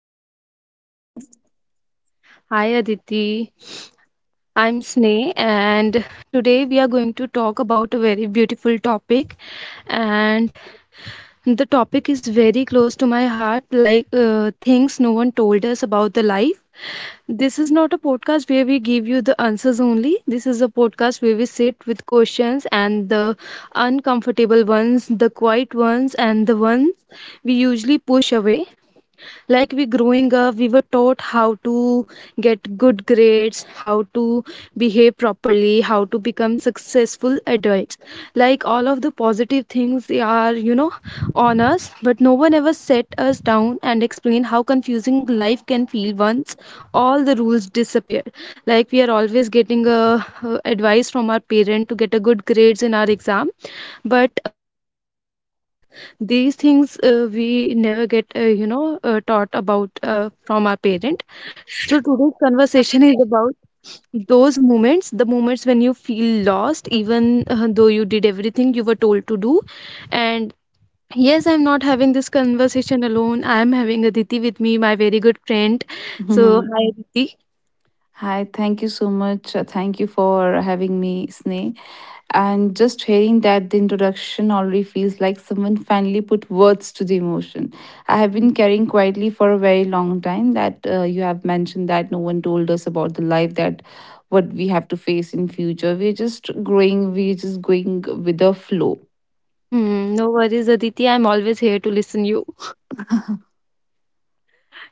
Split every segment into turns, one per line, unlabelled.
back to the
Hi,
podcast.
Sneh.
Hi Aditi, I'm Sneh, and today we are going to talk about a very beautiful topic. And the topic is very close to my heart like things no one told us about the life. This is not a podcast where we give you the answers only. This is a podcast where we sit with questions and the uncomfortable ones, the quiet ones, and the ones we usually push away. Like we growing up we were taught how to get good grades, how to behave properly, how to become successful adults, like all of the positive things are on us, but no one ever set us down and explained how confusing life can feel once all the rules disappear. Like we are always getting advice from our parent to get a good grades in our exam, but what if we never get these things, we never get taught about from our parent. So today's conversation is about those moments, the moments when you feel lost even though you did everything you were told to do. And yes, I'm not having this conversation alone, I'm having Aditi with me, my very good friend. So
Mhm.
hi, Aditi.
Hi, thank you so much. Thank you for having me, Sneh. And just hearing that the introduction already feels like someone finally put words to the emotion I have been carrying quietly for a very long time. That you have mentioned that no one told us about the life, that what we have to face in future. We're just going with the flow.
Mm, no worries, Aditi, I'm always here to listen you.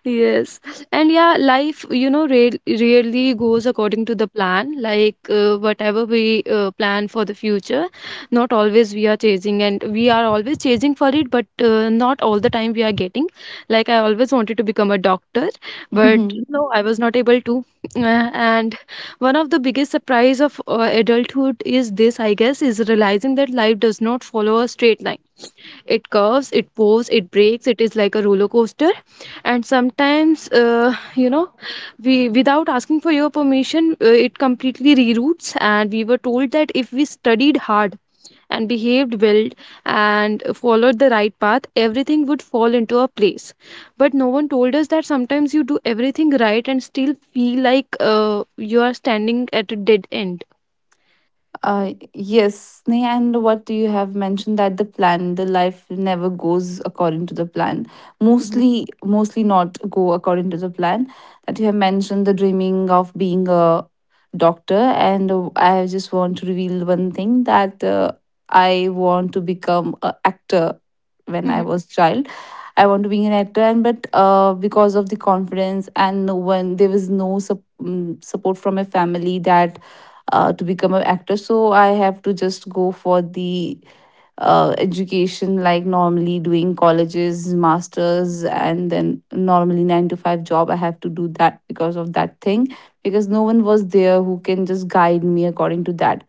Yes. And yeah, life, really goes according to the plan. Like whatever we plan for the future, not always we are chasing, and we are always chasing for it, but not all the time we are getting. Like I always wanted to become a doctor, but no, I was not able to. And one of the biggest surprise of adulthood is this, I guess, is realizing that life does not follow a straight line. It curves, it pours, it breaks, it is like a roller coaster. And sometimes we, without asking for your permission, it completely reroutes. And we were told that if we studied hard and behaved well and followed the right path, everything would fall into a place. But no one told us that sometimes you do everything right and still feel like you are standing at a dead end.
Yes, Sneha, and what you have mentioned, that the plan, the life never goes according to the plan.
Mhm.
Mostly not go according to the plan. That you have mentioned, the dreaming of being a doctor, and I just want to reveal one thing, that I want to become an actor when I was child. I want to be an actor, and but because of the confidence and no one, there was no support from my family that to become an actor. So I have to just go for the education, like normally doing colleges, masters, and then normally 9 to 5 job I have to do, that because of that thing, because no one was there who can just guide me according to that.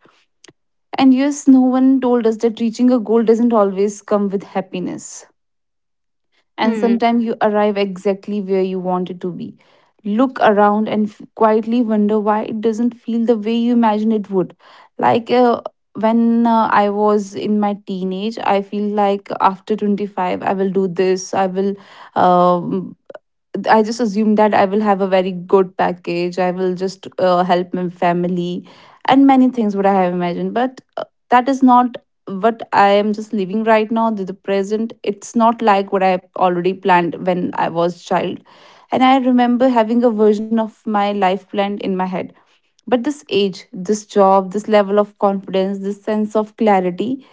And yes, no one told us that reaching a goal doesn't always come with happiness, and
Mhm.
sometimes you arrive exactly where you wanted to be. Look around and quietly wonder why it doesn't feel the way you imagine it would. Like when I was in my teenage, I feel like after 25, I will do this, I will um I just assume that I will have a very good package. I will just help my family and many things what I have imagined. But that is not what I am just living right now. The present, it's not like what I have already planned when I was child. And I remember having a version of my life planned in my head. But this age, this job, this level of confidence, this sense of clarity,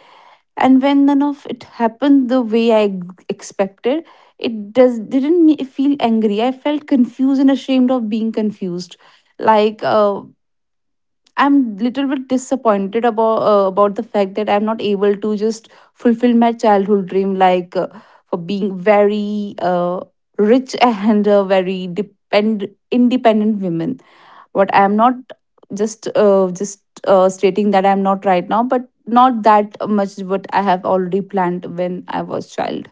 and when none of it happened the way I expected, it does didn't me feel angry. I felt confused and ashamed of being confused. Like I'm little bit disappointed about about the fact that I'm not able to just fulfill my childhood dream, like for being very rich and a very depend independent women, what I'm not. Just stating that I'm not right now, but not that much what I have already planned when I was child.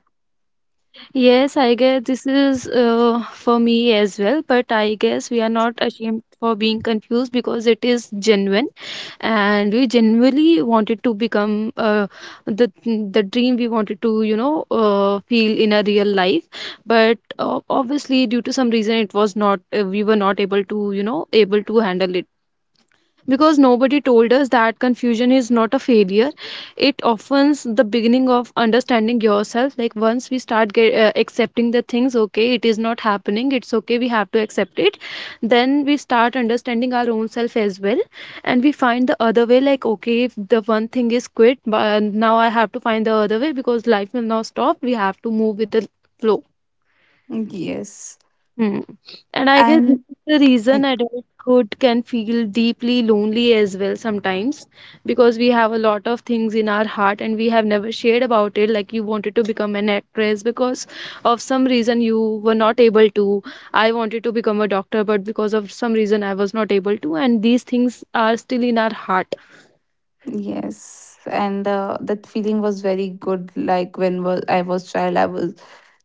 Yes, I guess this is for me as well, but I guess we are not ashamed for being confused because it is genuine, and we genuinely wanted to become, the dream we wanted to, feel in a real life. But obviously due to some reason it was not, we were not able to, able to handle it, because nobody told us that confusion is not a failure. It often's the beginning of understanding yourself. Like once we start accepting the things, okay, it is not happening, it's okay, we have to accept it, then we start understanding our own self as well. And we find the other way, like, okay, if the one thing is quit, but now I have to find the other way, because life will not stop, we have to move with the flow.
Yes.
Hmm. And I guess this
and
is the reason
I-
adulthood can feel deeply lonely as well sometimes, because we have a lot of things in our heart and we have never shared about it. Like you wanted to become an actress, because of some reason you were not able to. I wanted to become a doctor, but because of some reason I was not able to. And these things are still in our heart.
yes, and that feeling was very good. Like when I was child, I was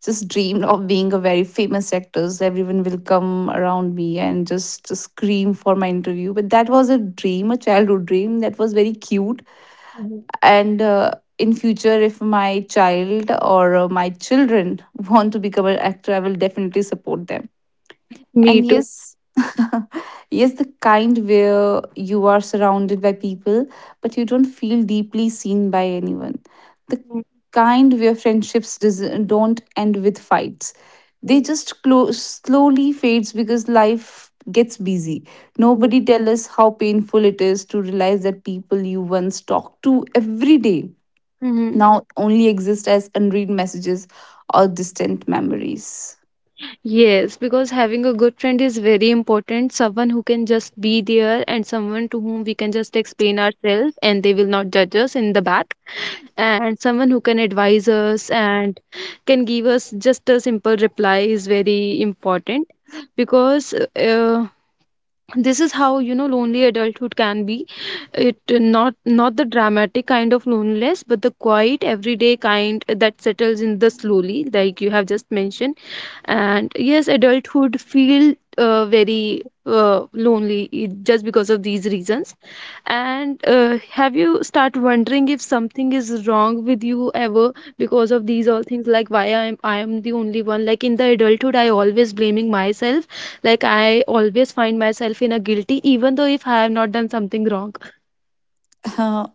just dreamed of being a very famous actor, so everyone will come around me and just scream for my interview. But that was a dream, a childhood dream, that was very cute.
Mhm.
And in future, if my child or my children want to become an actor, I will definitely support them.
Me
And
too.
yes. Yes, the kind where you are surrounded by people but you don't feel deeply seen by anyone. The kind where don't end with fights, they just close, slowly fades because life gets busy. Nobody tell us how painful it is to realize that people you once talked to every day
Mm-hmm.
now only exist as unread messages or distant memories.
Yes, because having a good friend is very important. Someone who can just be there, and someone to whom we can just explain ourselves and they will not judge us in the back. And someone who can advise us and can give us just a simple reply is very important, because this is how lonely adulthood can be. It not the dramatic kind of loneliness, but the quiet everyday kind that settles in the slowly, like you have just mentioned. And yes, adulthood feel very lonely, just because of these reasons. And have you start wondering if something is wrong with you ever, because of these all things, like why I am the only one, like in the adulthood I always blaming myself, like I always find myself in a guilty even though if I have not done something wrong.
Uh,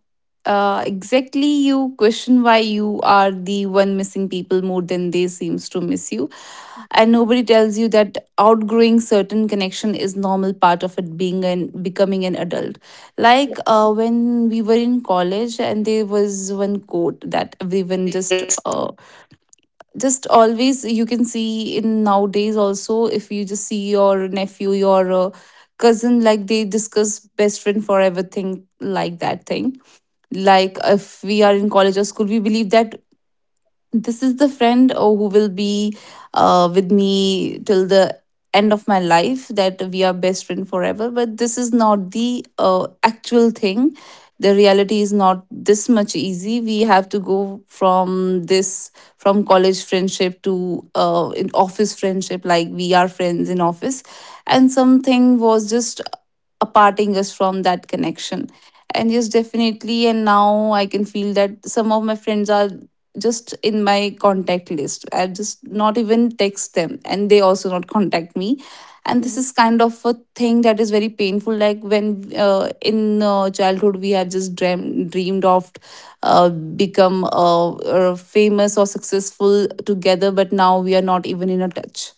exactly, you question why you are the one missing people more than they seems to miss you. And nobody tells you that outgrowing certain connection is normal part of it being and becoming an adult. Like when we were in college, and there was one quote that everyone just always, you can see in nowadays also, if you just see your nephew, your cousin, like they discuss best friend for everything, like that thing.
Mhm.
Like if we are in college or school, we believe that this is the friend, oh, who will be with me till the end of my life, that we are best friend forever. But this is not the actual thing. The reality is not this much easy. We have to go from this, from college friendship to in office friendship. Like we are friends in office, and something was just aparting us from that connection. And yes, definitely, and now I can feel that some of my friends are just in my contact list. I just not even text them and they also not contact me. And
Mhm.
this is kind of a thing that is very painful. Like when in childhood we have dreamed of become famous or successful together, but now we are not even in a touch.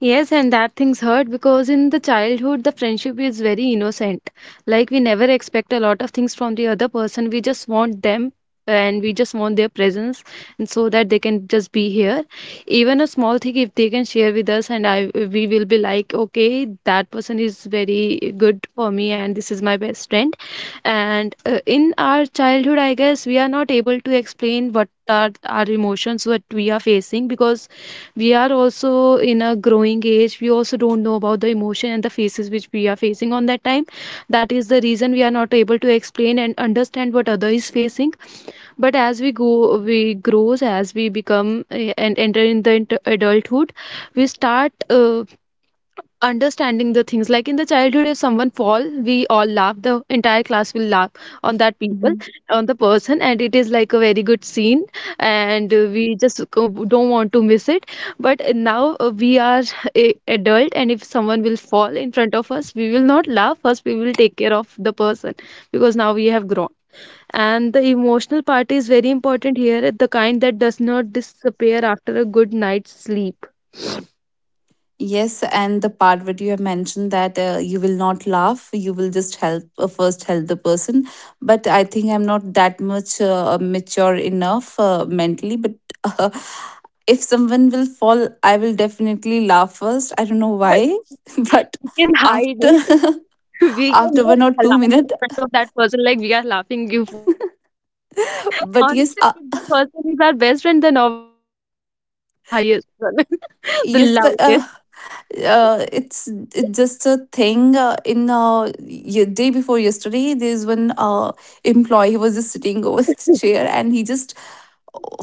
Yes, and that things hurt because in the childhood, the friendship is very innocent. Like, we never expect a lot of things from the other person. We just want them, and we just want their presence, and so that they can just be here. Even a small thing, if they can share with us, and I we will be like, okay, that person is very good for me, and this is my best friend. And in our childhood, I guess we are not able to explain what are our emotions, what we are facing, because we are also in a growing age, we also don't know about the emotion and the faces which we are facing on that time. That is the reason we are not able to explain and understand what other is facing. But as we go, we grows, as we become and enter in the adulthood, we start understanding the things. Like in the childhood, if someone fall, we all laugh, the entire class will laugh on that people,
Mhm.
on the person, and it is like a very good scene, and we just don't want to miss it. But now we are a adult, and if someone will fall in front of us, we will not laugh first, we will take care of the person, because now we have grown, and the emotional part is very important here, the kind that does not disappear after a good night's sleep.
Yes, and the part where you have mentioned that you will not laugh, you will just help, first help the person. But I think I'm not that much mature enough mentally. But if someone will fall, I will definitely laugh first. I don't know why, but
You can hide
after
it. We
after
cannot
one or two
laugh in
minutes,
front of that person like we are laughing, you fall.
but yes,
Honestly, if the person is our best friend, then obviously our laugh will be the highest one, the
yes, but
loudest.
uh, it's it's just a thing. Day before yesterday, there's one employee who was just sitting over the chair, and he just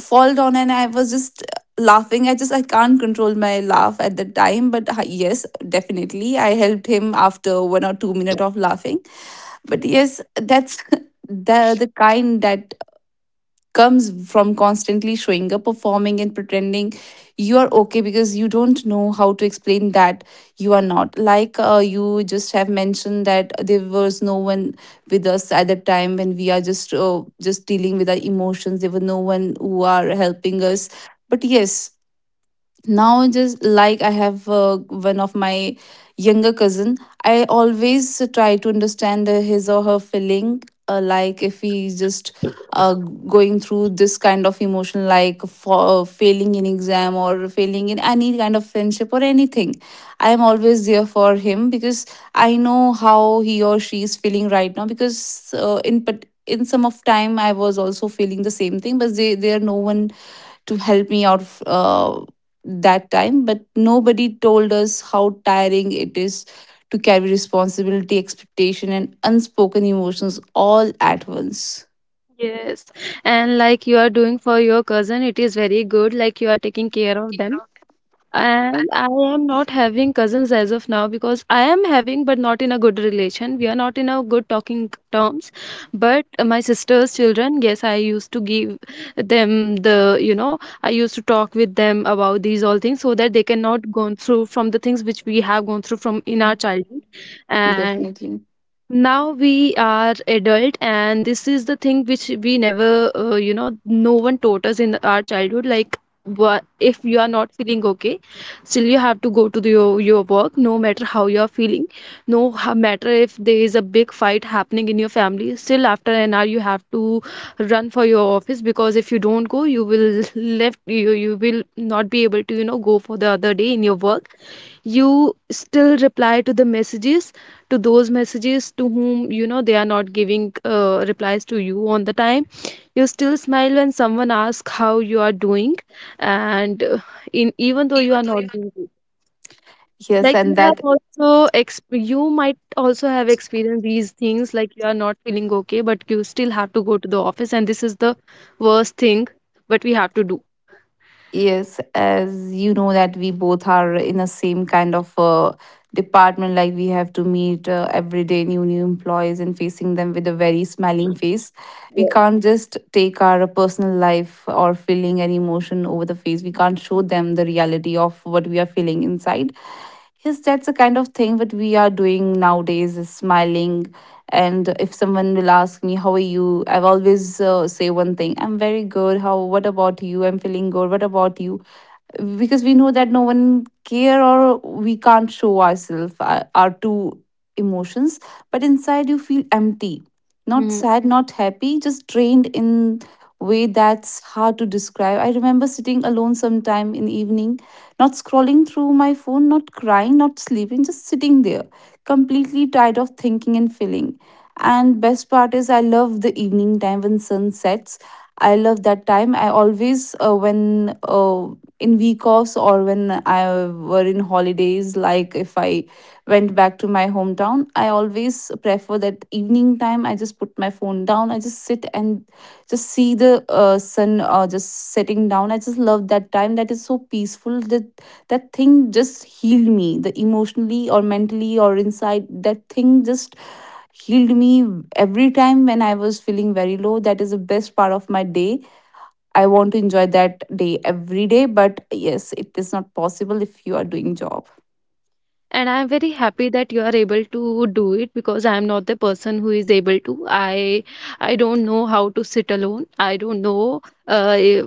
fall down and I was just laughing. I can't control my laugh at the time, but yes, definitely I helped him after 1 or 2 minutes of laughing. But yes, that's the kind that comes from constantly showing up, performing, and pretending you are okay because you don't know how to explain that you are not. Like you just have mentioned that there was no one with us at the time when we are just dealing with our emotions. There were no one who are helping us. But yes, now, just like I have one of my younger cousin, I always try to understand his or her feeling, like if he's just going through this kind of emotion, like for failing in exam or failing in any kind of friendship or anything, I am always there for him, because I know how he or she is feeling right now. Because in some of time I was also feeling the same thing, but there no one to help me out of that time. But nobody told us how tiring it is to carry responsibility, expectation, and unspoken emotions all at once.
Yes. And like you are doing for your cousin, it is very good. Like you are taking care of them. And I am not having cousins as of now, because I am having but not in a good relation, we are not in a good talking terms. But my sister's children, yes, I used to give them the you know I used to talk with them about these all things, so that they cannot go through from the things which we have gone through from in our childhood. And
Definitely.
now we are adult, and this is the thing which we never, no one taught us in our childhood. Like if you are not feeling okay, still you have to go to your work, no matter how you are feeling. No matter if there is a big fight happening in your family, still after an hour you have to run for your office, because if you don't go you will left you will not be able to go for the other day in your work. You still reply to those messages to whom they are not giving replies to you on the time. You still smile when someone asks how you are doing, and in even though you are not doing good,
yes
like
and that
you might also have experienced these things, like you are not feeling okay but you still have to go to the office, and this is the worst thing, but we have to do.
yes, as you know that we both are in the same kind of department. Like we have to meet every day new new employees and facing them with a very smiling face. We
Yes.
can't just take our personal life or feeling an emotion over the face. We can't show them the reality of what we are feeling inside. Yes, that's the kind of thing what we are doing nowadays, is smiling. And if someone will ask me how are you, I've always say one thing: I'm very good, how what about you? I'm feeling good, what about you? Because we know that no one care, or we can't show ourselves our true emotions. But inside you feel empty, not
Hmm.
sad, not happy, just drained in way that's hard to describe. I remember sitting alone sometime in evening, not scrolling through my phone, not crying, not sleeping, just sitting there, completely tired of thinking and feeling. And best part is, I love the evening time when sun sets. I love that time. I always, when in week offs or when I were in holidays, like if I went back to my hometown, I always prefer that evening time. I just put my phone down. I just sit and just see the sun just setting down. I just love that time. That is so peaceful. That thing just healed me. The emotionally or mentally or inside, that thing just healed me every time when I was feeling very low. That is the best part of my day. I want to enjoy that day every day, but yes, it is not possible if you are doing job.
And I'm very happy that you are able to do it, because I'm not the person who is able to. I don't know how to sit alone. I don't know,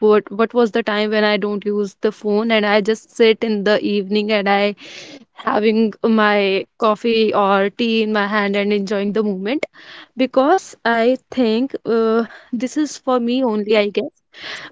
what was the time when I don't use the phone and I just sit in the evening and I having my coffee or tea in my hand and enjoying the moment, because I think this is for me only. I guess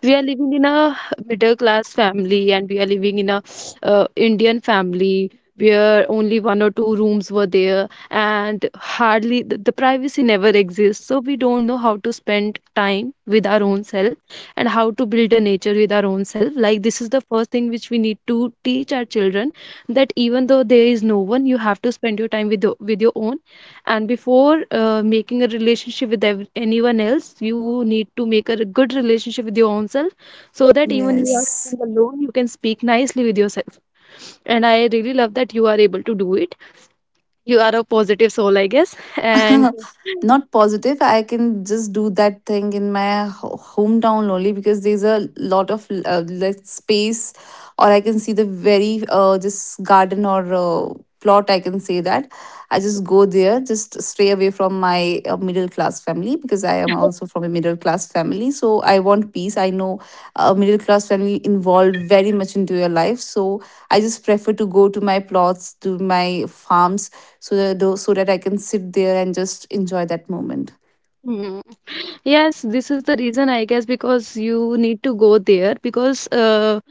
we are living in a middle class family, and we are living in a Indian family, where only one or two rooms were there, and hardly the privacy never exists. So we don't know how to spend time with our own self, and how to build a nature with our own self. Like this is the first thing which we need to teach our children that even though there is no one, you have to spend your time with your own. And before making a relationship with anyone else you need to make a good relationship with your own self, so that even you are
Yes.
sitting alone you can speak nicely with yourself. And I really love that you are able to do it. You are a positive soul, I guess. And
Not positive. I can just do that thing in my hometown only, because there's a lot of like space, or I can see the very just garden or plot, I can say that. I just go there, just stray away from my middle class family, because I am also from a middle class family. So I want peace. I know a middle class family involved very much into your life. So I just prefer to go to my plots, to my farms, so that, so that I can sit there and just enjoy that moment.
Mm. Yes, this is the reason, I guess, because you need to go there because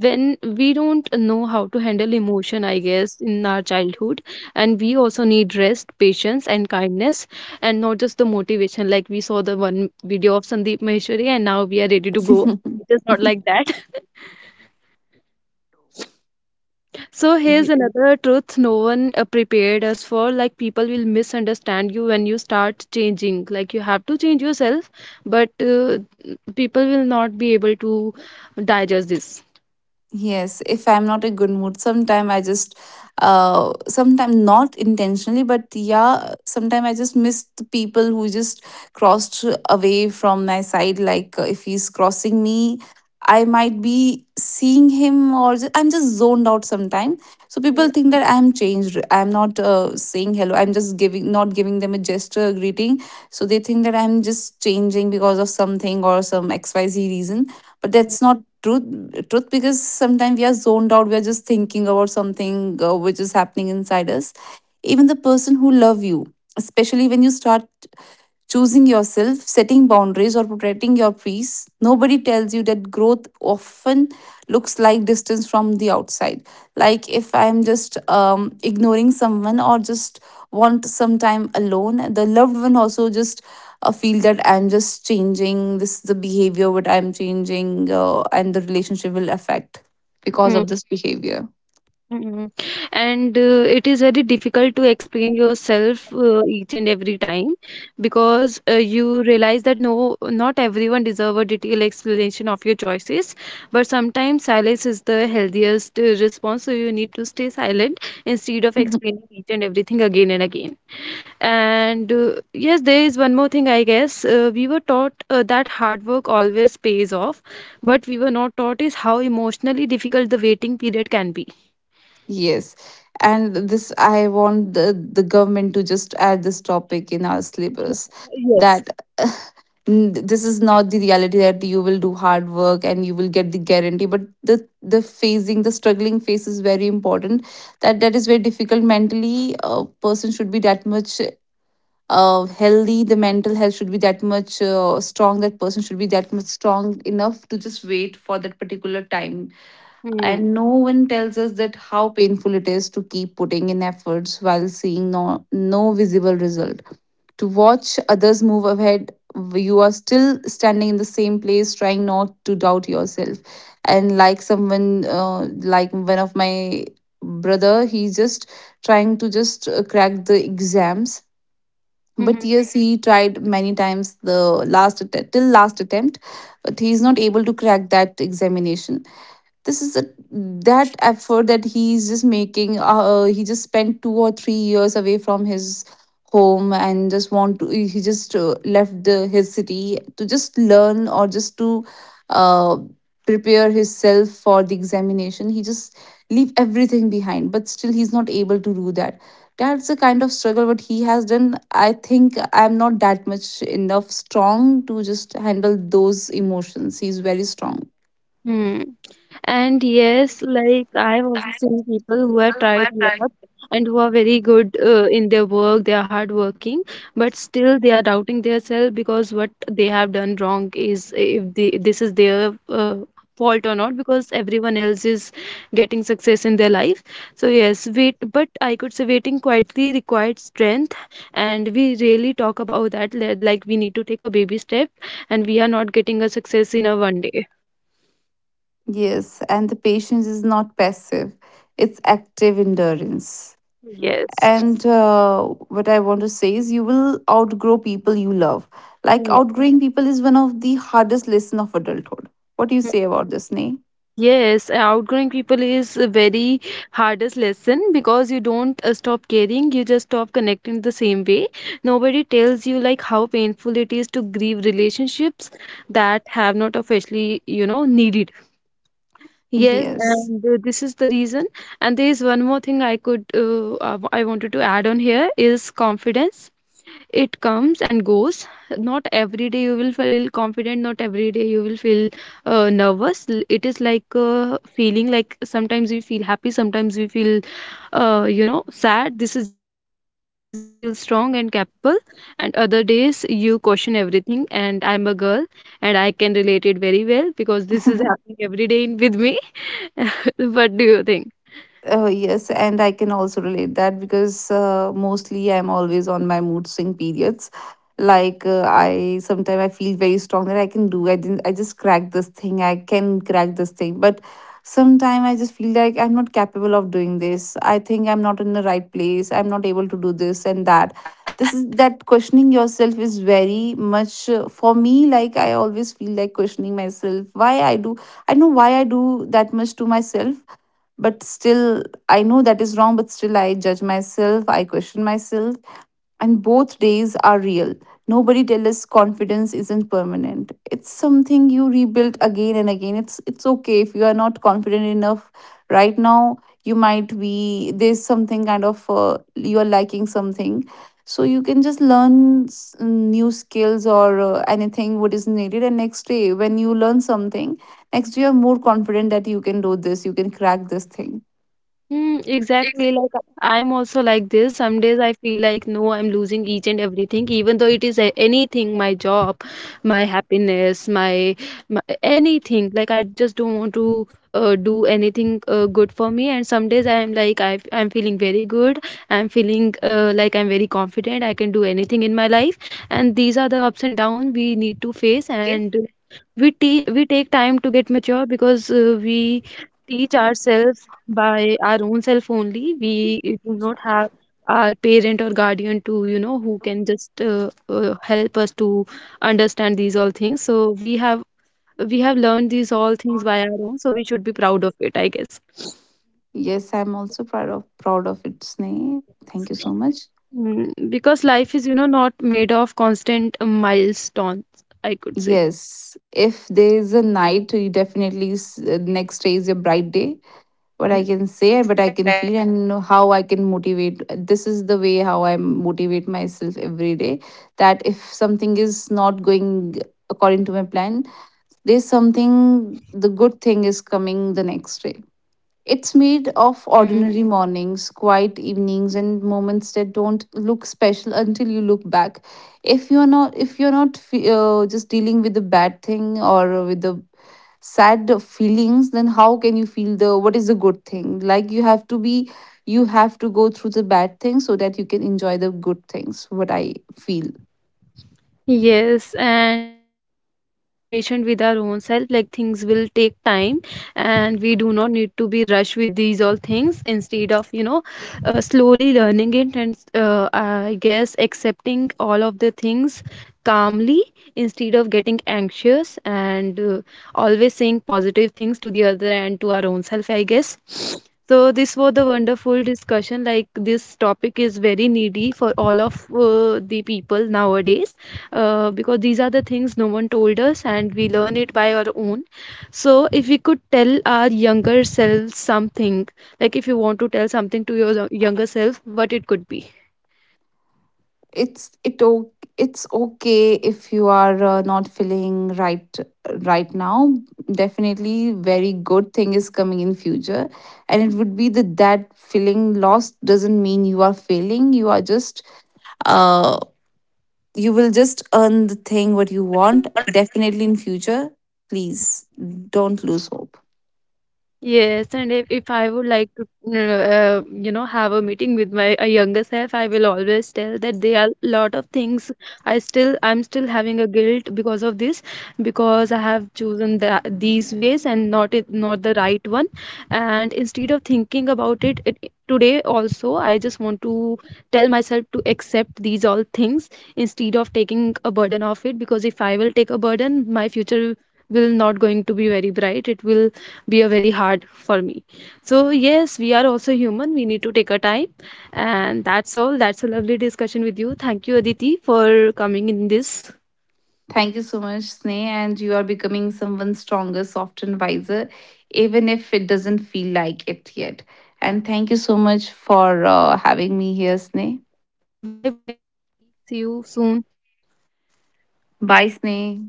when we don't know how to handle emotion, I guess, in our childhood, and we also need rest, patience, and kindness, and not just the motivation. Like we saw the one video of Sandeep Maheshwari, and now we are ready to go. It is not like that. So here's
Yeah.
another truth no one prepared us for. Like people will misunderstand you when you start changing. Like you have to change yourself, but people will not be able to digest this.
Yes, if I'm not in good mood, sometime I just, sometime not intentionally, but yeah, sometime I just miss the people who just crossed away from my side. Like if he's crossing me, I might be seeing him, or just, I'm just zoned out sometime. So people think that I'm changed. I'm not saying hello. I'm just giving, not giving them a gesture, a greeting. So they think that I'm just changing because of something or some XYZ reason, but that's not truth because sometimes we are zoned out. We are just thinking about something which is happening inside us, even the person who love you, especially when you start choosing yourself, setting boundaries, or protecting your peace. Nobody tells you that growth often looks like distance from the outside. Like if I'm just ignoring someone or just want some time alone, the loved one also just feel that I'm just changing. This is the behavior what I'm changing, and the relationship will affect because of this behavior.
Mm. And it is very difficult to explain yourself each and every time because you realize that no, not everyone deserve a detailed explanation of your choices. But sometimes silence is the healthiest response, so you need to stay silent instead of
Mhm.
explaining each and everything again and again. And yes, there is one more thing, I guess. We were taught that hard work always pays off. What we were not taught is how emotionally difficult the waiting period can be.
Yes. And this, I want the government to just add this topic in our syllabus
Yes.
that this is not the reality that you will do hard work and you will get the guarantee, but the struggling phase is very important, that that is very difficult mentally. A person should be that much healthy. The mental health should be that much strong. That person should be that much strong enough to just wait for that particular time.
Mhm.
And no one tells us that how painful it is to keep putting in efforts while seeing no visible result, to watch others move ahead. You are still standing in the same place trying not to doubt yourself. And like someone like one of my brother, he's just trying to just crack the exams. But
Mhm.
yes, he tried many times, till last attempt, but he's not able to crack that examination. This is a that effort that he's just making. He just spent 2 or 3 years away from his home, and just want to he just left his city to just learn or just to uh, prepare himself for the examination. He just leave everything behind, but still he's not able to do that. That's the kind of struggle what he has done. I think I'm not that much enough strong to just handle those emotions. He's very strong.
Hmm. And yes, like I've also seen people who have tried a lot, and who are very good in their work. They are hardworking, but still they are doubting themselves because what they have done wrong is if they, this is their fault or not, because everyone else is getting success in their life. So yes, wait, but I could say waiting quietly required strength, and we really talk about that, like we need to take a baby step, and we are not getting a success in a one day.
Yes, and the patience is not passive, it's active endurance.
Yes.
And what I want to say is, you will outgrow people you love. Like,
Mm.
outgrowing people is one of the hardest lesson of adulthood. What do you say about this, Nay?
Yes, outgrowing people is a very hardest lesson because you don't stop caring, you just stop connecting the same way. Nobody tells you like how painful it is to grieve relationships that have not officially, you know, needed. Yes,
Yes.
and this is the reason. And there is one more thing I could, I wanted to add on here is confidence. It comes and goes. Not every day you will feel confident, not every day you will feel nervous. It is like a feeling, like sometimes you feel happy, sometimes you feel you know, sad. This is just like this. Some days you feel strong and capable, and other days you question everything. And I'm a girl, and I can relate it very well because this is happening every day in, with me. What do you think?
Oh, yes, and I can also relate that because mostly I'm always on my mood swing periods. Like I sometimes I feel very strong that I can do. I didn't. I just crack this thing. I can crack this thing. But sometimes I just feel like I'm not capable of doing this. I think I'm not in the right place. I'm not able to do this and that. This is that questioning yourself is very much for me. Like I always feel like questioning myself. Why I do. I know why I do that much to myself, but still I know that is wrong, but still I judge myself, I question myself, and both days are real. Nobody tells us confidence isn't permanent. It's something you rebuild again and again. It's okay if you are not confident enough right now. You might be there's something kind of you are lacking something. So you can just learn new skills or anything what is needed, and next day when you learn something, next day you're more confident that you can do this, you can crack this thing.
Mm, exactly. Like I'm also like this. Some days I feel like no, I'm losing each and everything, even though it is anything, my job, my happiness, my anything. Like I just don't want to do anything good for me. And some days I'm like I'm feeling very good. I'm feeling like I'm very confident. I can do anything in my life. And these are the ups and downs we need to face. And we take time to get mature because we teach ourselves by our own self only. We do not have our parent or guardian to, you know, who can just help us to understand these all things. So we have learned these all things by our own. So we should be proud of it, I guess.
Yes, I'm also proud of it, Sneh. Thank you so much.
Mm, because life is, you know, not made of constant milestones, I could say.
Yes, if there is a night, you definitely next day is your bright day. What I can
Mhm.
say, and what I can feel, and how I can motivate. This is the way how I motivate myself every day. That if something is not going according to my plan, there's something. The good thing is coming the next day.
Mm.
It's made of ordinary mornings, quiet evenings, and moments that don't look special until you look back. If you're not just dealing with the bad thing or with the sad feelings, then how can you feel the what is the good thing? Like you have to go through the bad things so that you can enjoy the good things. What I feel.
Yes, and we need to be patient with our own self. Like things will take time, and we do not need to be rushed with these all things. Instead of, you know, slowly learning it and I guess accepting all of the things calmly, instead of getting anxious and always saying positive things to the other and to our own self, I guess. So this was the wonderful discussion. Like this topic is very needy for all of the people nowadays because these are the things no one told us and we learn it by our own. So if we could tell our younger selves something, like if you want to tell something to your younger self, what it could be?
it's it o- it's okay if you are not feeling right now. Definitely very good thing is coming in future. And it would be that that feeling lost doesn't mean you are failing. Uh you will just earn the thing what you want definitely in future. Please don't lose hope.
Yes, and if I would like to, you know, have a meeting with my younger self, I will always tell that there are a lot of things I still, I'm still having a guilt because of this, because I have chosen the, these ways and not it, not the right one. And instead of thinking about it, today also, I just want to tell myself to accept these all things instead of taking a burden of it, because if I will take a burden, my future will not going to be very bright. It will be a very hard for me. So yes, we are also human, we need to take our time. And that's all. That's a lovely discussion with you. Thank you, Aditi, for coming in this.
Thank you so much, Sneh. And you are becoming someone stronger, soft, and wiser, even if it doesn't feel like it yet. And thank you so much for having me here, Sneh.
See you soon.
Bye,
Bye.
Sneh.